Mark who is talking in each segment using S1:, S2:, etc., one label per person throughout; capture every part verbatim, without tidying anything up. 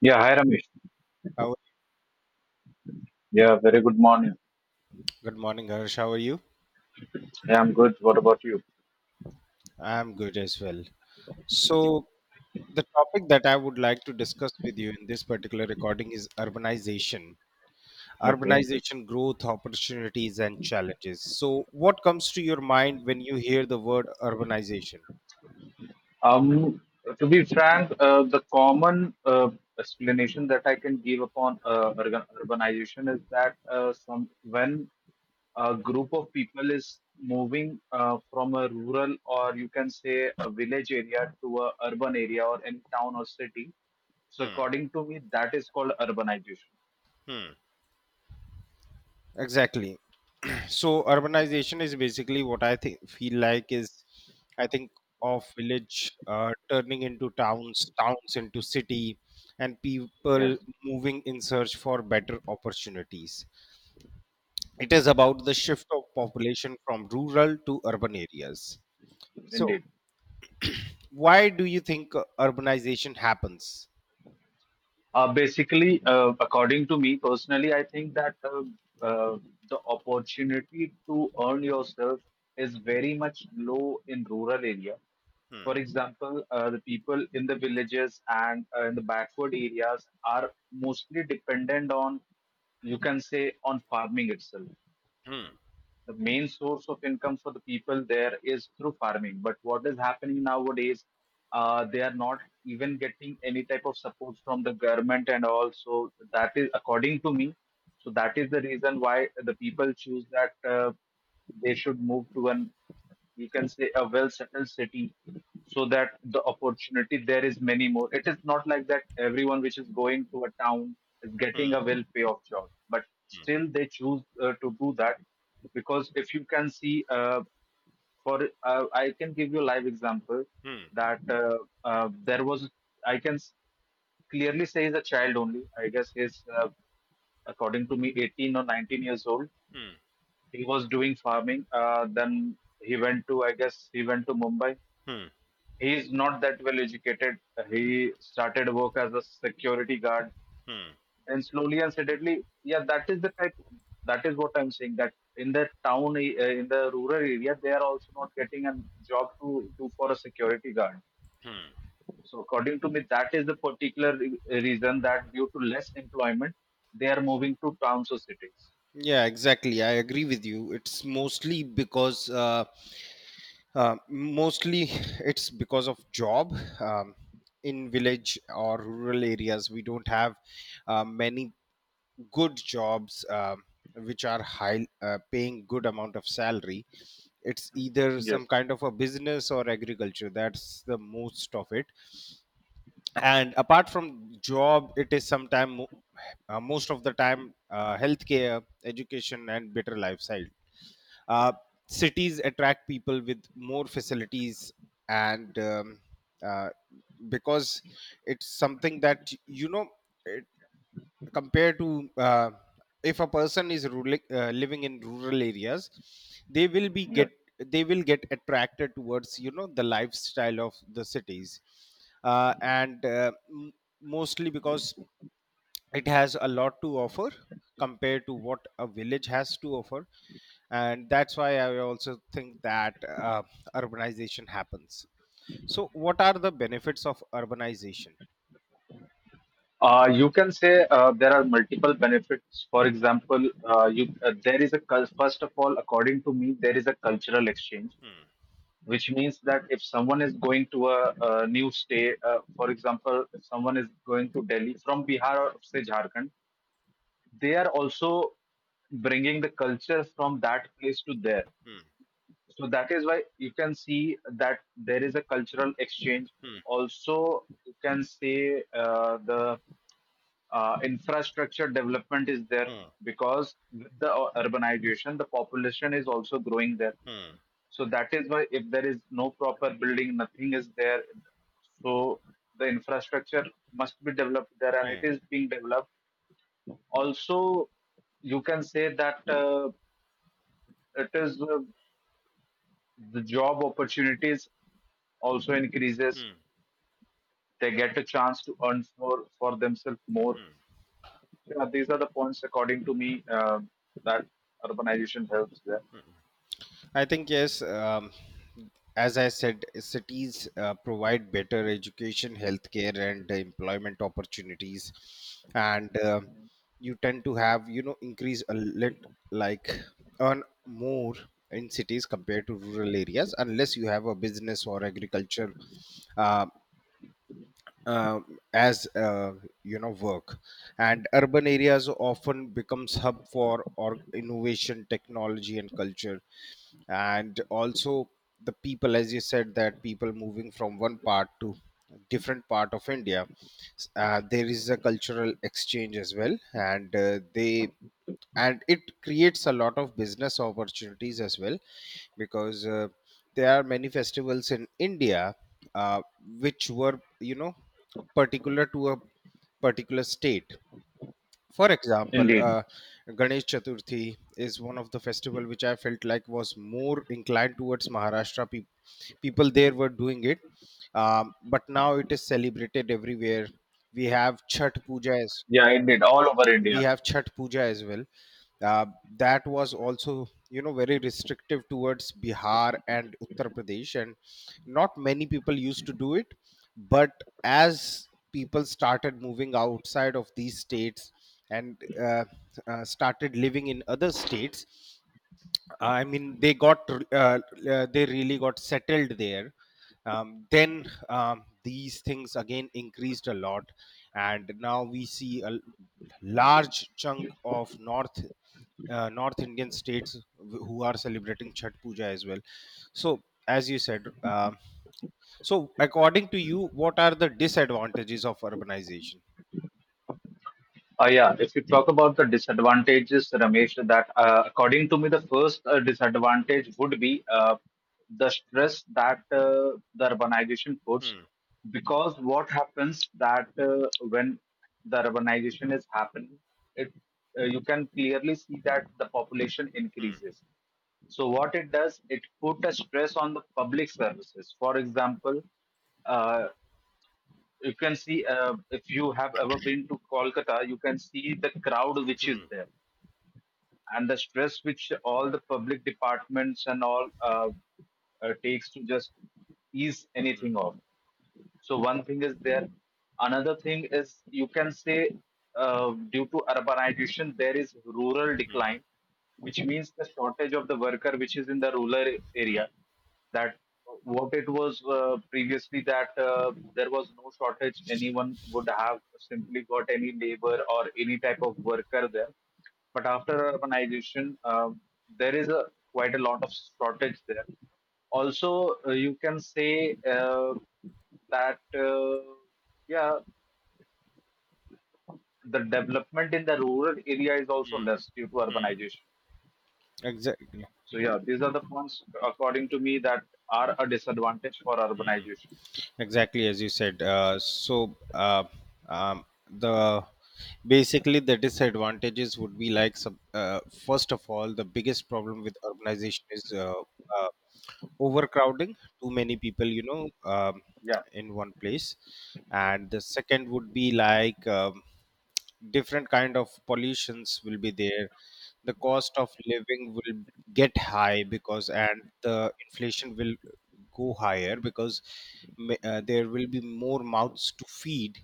S1: Yeah, hi Ramesh.
S2: How,
S1: Yeah, very good morning.
S2: Good morning, Harsh. How are you?
S1: Yeah, I'm good. What about you?
S2: I'm good as well. So, the topic that I would like to discuss with you in this particular recording is urbanization,
S1: Okay.
S2: urbanization growth, opportunities, and challenges. So, what comes to your mind when you hear the word urbanization?
S1: Um, to be frank, uh, the common uh, explanation that I can give upon uh, urban- urbanization is that uh, some when a group of people is moving uh, from a rural, or you can say a village area, to a urban area or any town or city. So
S2: Hmm.
S1: according to me, that is called urbanization.
S2: Hmm. Exactly. So urbanization is basically what I think feel like is I think of village uh, turning into towns, towns into city, and people
S1: Yes,
S2: moving in search for better opportunities. It is about the shift of population from rural to urban areas. So
S1: indeed.
S2: why do you think uh, urbanization happens?
S1: Uh, basically, uh, according to me personally, I think that uh, uh, the opportunity to earn yourself is very much low in rural area.
S2: Hmm,
S1: For example, uh, the people in the villages and uh, in the backward areas are mostly dependent on, you can say, on farming itself.
S2: hmm,
S1: The main source of income for the people there is through farming. But what is happening nowadays, uh, they are not even getting any type of support from the government and all. So that is, according to me, so that is the reason why the people choose that. Uh, they should move to an, you can say, a well settled city, so that the opportunity there is many more. It is not like that everyone which is going to a town is getting
S2: hmm,
S1: a well pay off job, but
S2: hmm,
S1: still they choose uh, to do that. Because if you can see, uh, for uh, I can give you a live example,
S2: hmm,
S1: that uh, uh, there was, i can s- clearly say, he's a child only, I guess. He's uh, According to me, eighteen or nineteen years old,
S2: hmm,
S1: he was doing farming. Uh, then he went to, I guess, he went to Mumbai.
S2: hmm,
S1: He is not that well educated. He started work as a security guard,
S2: hmm,
S1: and slowly and steadily, yeah, that is the type. That is what I'm saying. That in the town, uh, in the rural area, they are also not getting a job to do for a security guard.
S2: hmm.
S1: So according to me, that is the particular re- reason that due to less employment, they are moving to towns or cities.
S2: Yeah, exactly. I agree with you. It's mostly because uh, Uh, mostly it's because of job. um, in village or rural areas we don't have uh, many good jobs, um which are high, uh, paying good amount of salary. It's either
S1: Yes.
S2: some kind of a business or agriculture, that's the most of it. And apart from job, it is sometime mo- uh, most of the time uh, healthcare, education, and better lifestyle. uh, Cities attract people with more facilities, and um, uh, because it's something that you know it, compared to, uh, if a person is rural, uh, living in rural areas, they will be
S1: Yes.
S2: get they will get attracted towards, you know, the lifestyle of the cities, uh, and uh, m- mostly because it has a lot to offer compared to what a village has to offer. And that's why I also think that uh, urbanization happens. So what are the benefits of urbanization?
S1: Uh, you can say uh, there are multiple benefits. For example, uh, you, uh, there is a cul- first of all, according to me, there is a cultural exchange,
S2: Hmm.
S1: which means that if someone is going to a, a new state, uh, for example, if someone is going to Delhi from Bihar or say Jharkhand, they are also bringing the culture from that place to there.
S2: Hmm.
S1: So that is why you can see that there is a cultural exchange.
S2: Hmm.
S1: Also, you can say uh, the uh, infrastructure development is there
S2: Hmm.
S1: because with the u- urbanization, the population is also growing there.
S2: Hmm.
S1: So that is why if there is no proper building, nothing is there. So the infrastructure must be developed there, and it
S2: Hmm.
S1: is being developed. Also, you can say that uh, it is. Uh, the job opportunities also increases.
S2: Hmm.
S1: They get a chance to earn more for themselves more. Yeah, these are the points, according to me, um that urbanization helps there.
S2: I think yes. Um, as I said, cities uh, provide better education, healthcare, and employment opportunities, and uh, you tend to have, you know, increase a lit like earn more in cities compared to rural areas, unless you have a business or agriculture. Uh, um, as uh, You know, work and urban areas often becomes hub for or innovation, technology, and culture. And also the people, as you said, that people moving from one part to different part of India, uh, there is a cultural exchange as well, and uh, they and it creates a lot of business opportunities as well, because uh, there are many festivals in India, uh, which were, you know, particular to a particular state. For example,
S1: Indeed.
S2: uh, Ganesh Chaturthi is one of the festival which I felt like was more inclined towards Maharashtra, peop people there were doing it. Um, but now it is celebrated everywhere. we have chhat puja as
S1: Yeah, indeed. All over
S2: we
S1: India.
S2: have Chhat Puja as well. Uh, that was also, you know, very restrictive towards Bihar and Uttar Pradesh, and not many people used to do it. But as people started moving outside of these states and uh, uh, started living in other states, I mean, they got uh, uh, they really got settled there. Um, then um, these things again increased a lot, and now we see a l- large chunk of North, uh, North Indian states wh- who are celebrating Chhat Puja as well. So, as you said, um, so according to you, what are the disadvantages of urbanization?
S1: Uh, yeah, if you talk about the disadvantages, Ramesh, that uh, according to me, the first uh, disadvantage would be uh, the stress that uh, the urbanization puts.
S2: Hmm.
S1: Because what happens that uh, when the urbanization is happening, it uh, you can clearly see that the population
S2: Hmm.
S1: increases. So what it does, it put a stress on the public services. For example, uh, you can see, uh, if you have ever been to Kolkata, you can see the crowd which is
S2: Hmm.
S1: there and the stress which all the public departments and all uh, uh, takes to just ease
S2: Hmm.
S1: anything off. So one thing is there. Another thing is, you can say, uh, due to urbanization there is rural
S2: Hmm.
S1: decline, which means the shortage of the worker which is in the rural a-
S2: Hmm.
S1: area. That what it was uh, previously, that uh, there was no shortage. Anyone would have simply got any labor or any type of worker there, but after urbanization, um, there is a quite a lot of shortage there. Also, uh, you can say uh, that uh, yeah, the development in the rural area is also
S2: Hmm.
S1: less due to
S2: Hmm.
S1: urbanization.
S2: Exactly.
S1: So yeah, these are the points according to me that are a disadvantage for urbanization.
S2: Exactly, as you said. Uh, so uh, um, the Basically the disadvantages would be like some, uh, first of all, the biggest problem with urbanization is uh, uh, overcrowding, too many people, you know, um,
S1: Yeah,
S2: in one place. And the second would be like, um, different kind of pollutions will be there, the cost of living will get high because, and the inflation will go higher because ma- uh, there will be more mouths to feed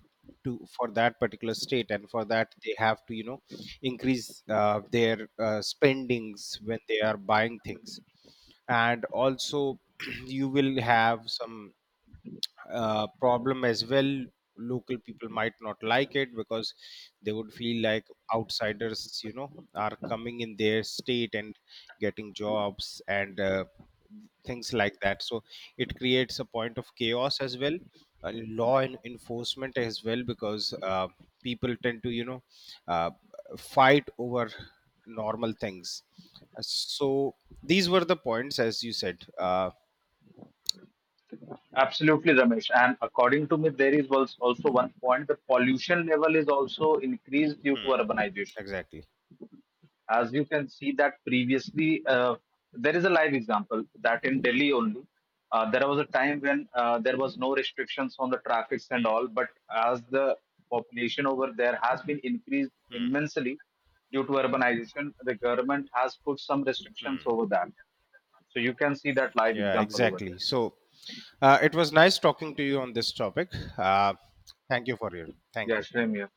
S2: to for that particular state, and for that they have to, you know, increase uh, their uh, spendings when they are buying things. And also you will have some uh, problem as well. Local people might not like it because they would feel like outsiders, you know, are coming in their state and getting jobs and uh, things like that, so it creates a point of chaos as well. Uh, law en- enforcement as well, because uh, people tend to, you know, uh, fight over normal things. Uh, So these were the points, as you said. Uh,
S1: absolutely, Ramesh. And according to me, there is als- also one point: the pollution level is also increased due to
S2: Hmm.
S1: urbanization.
S2: Exactly.
S1: As you can see that previously, uh, there is a live example that in
S2: Hmm.
S1: Delhi only uh, there was a time when uh, there was no restrictions on the traffics and all, but as the population over there has been increased
S2: Hmm.
S1: immensely due to urbanization, the government has put some restrictions
S2: Hmm.
S1: over that. So you can see that live
S2: Yeah,
S1: example over
S2: exactly.
S1: there.
S2: So uh, it was nice talking to you on this topic. Uh, thank you for your. Thank
S1: Yeah,
S2: you.
S1: Shreem, yeah.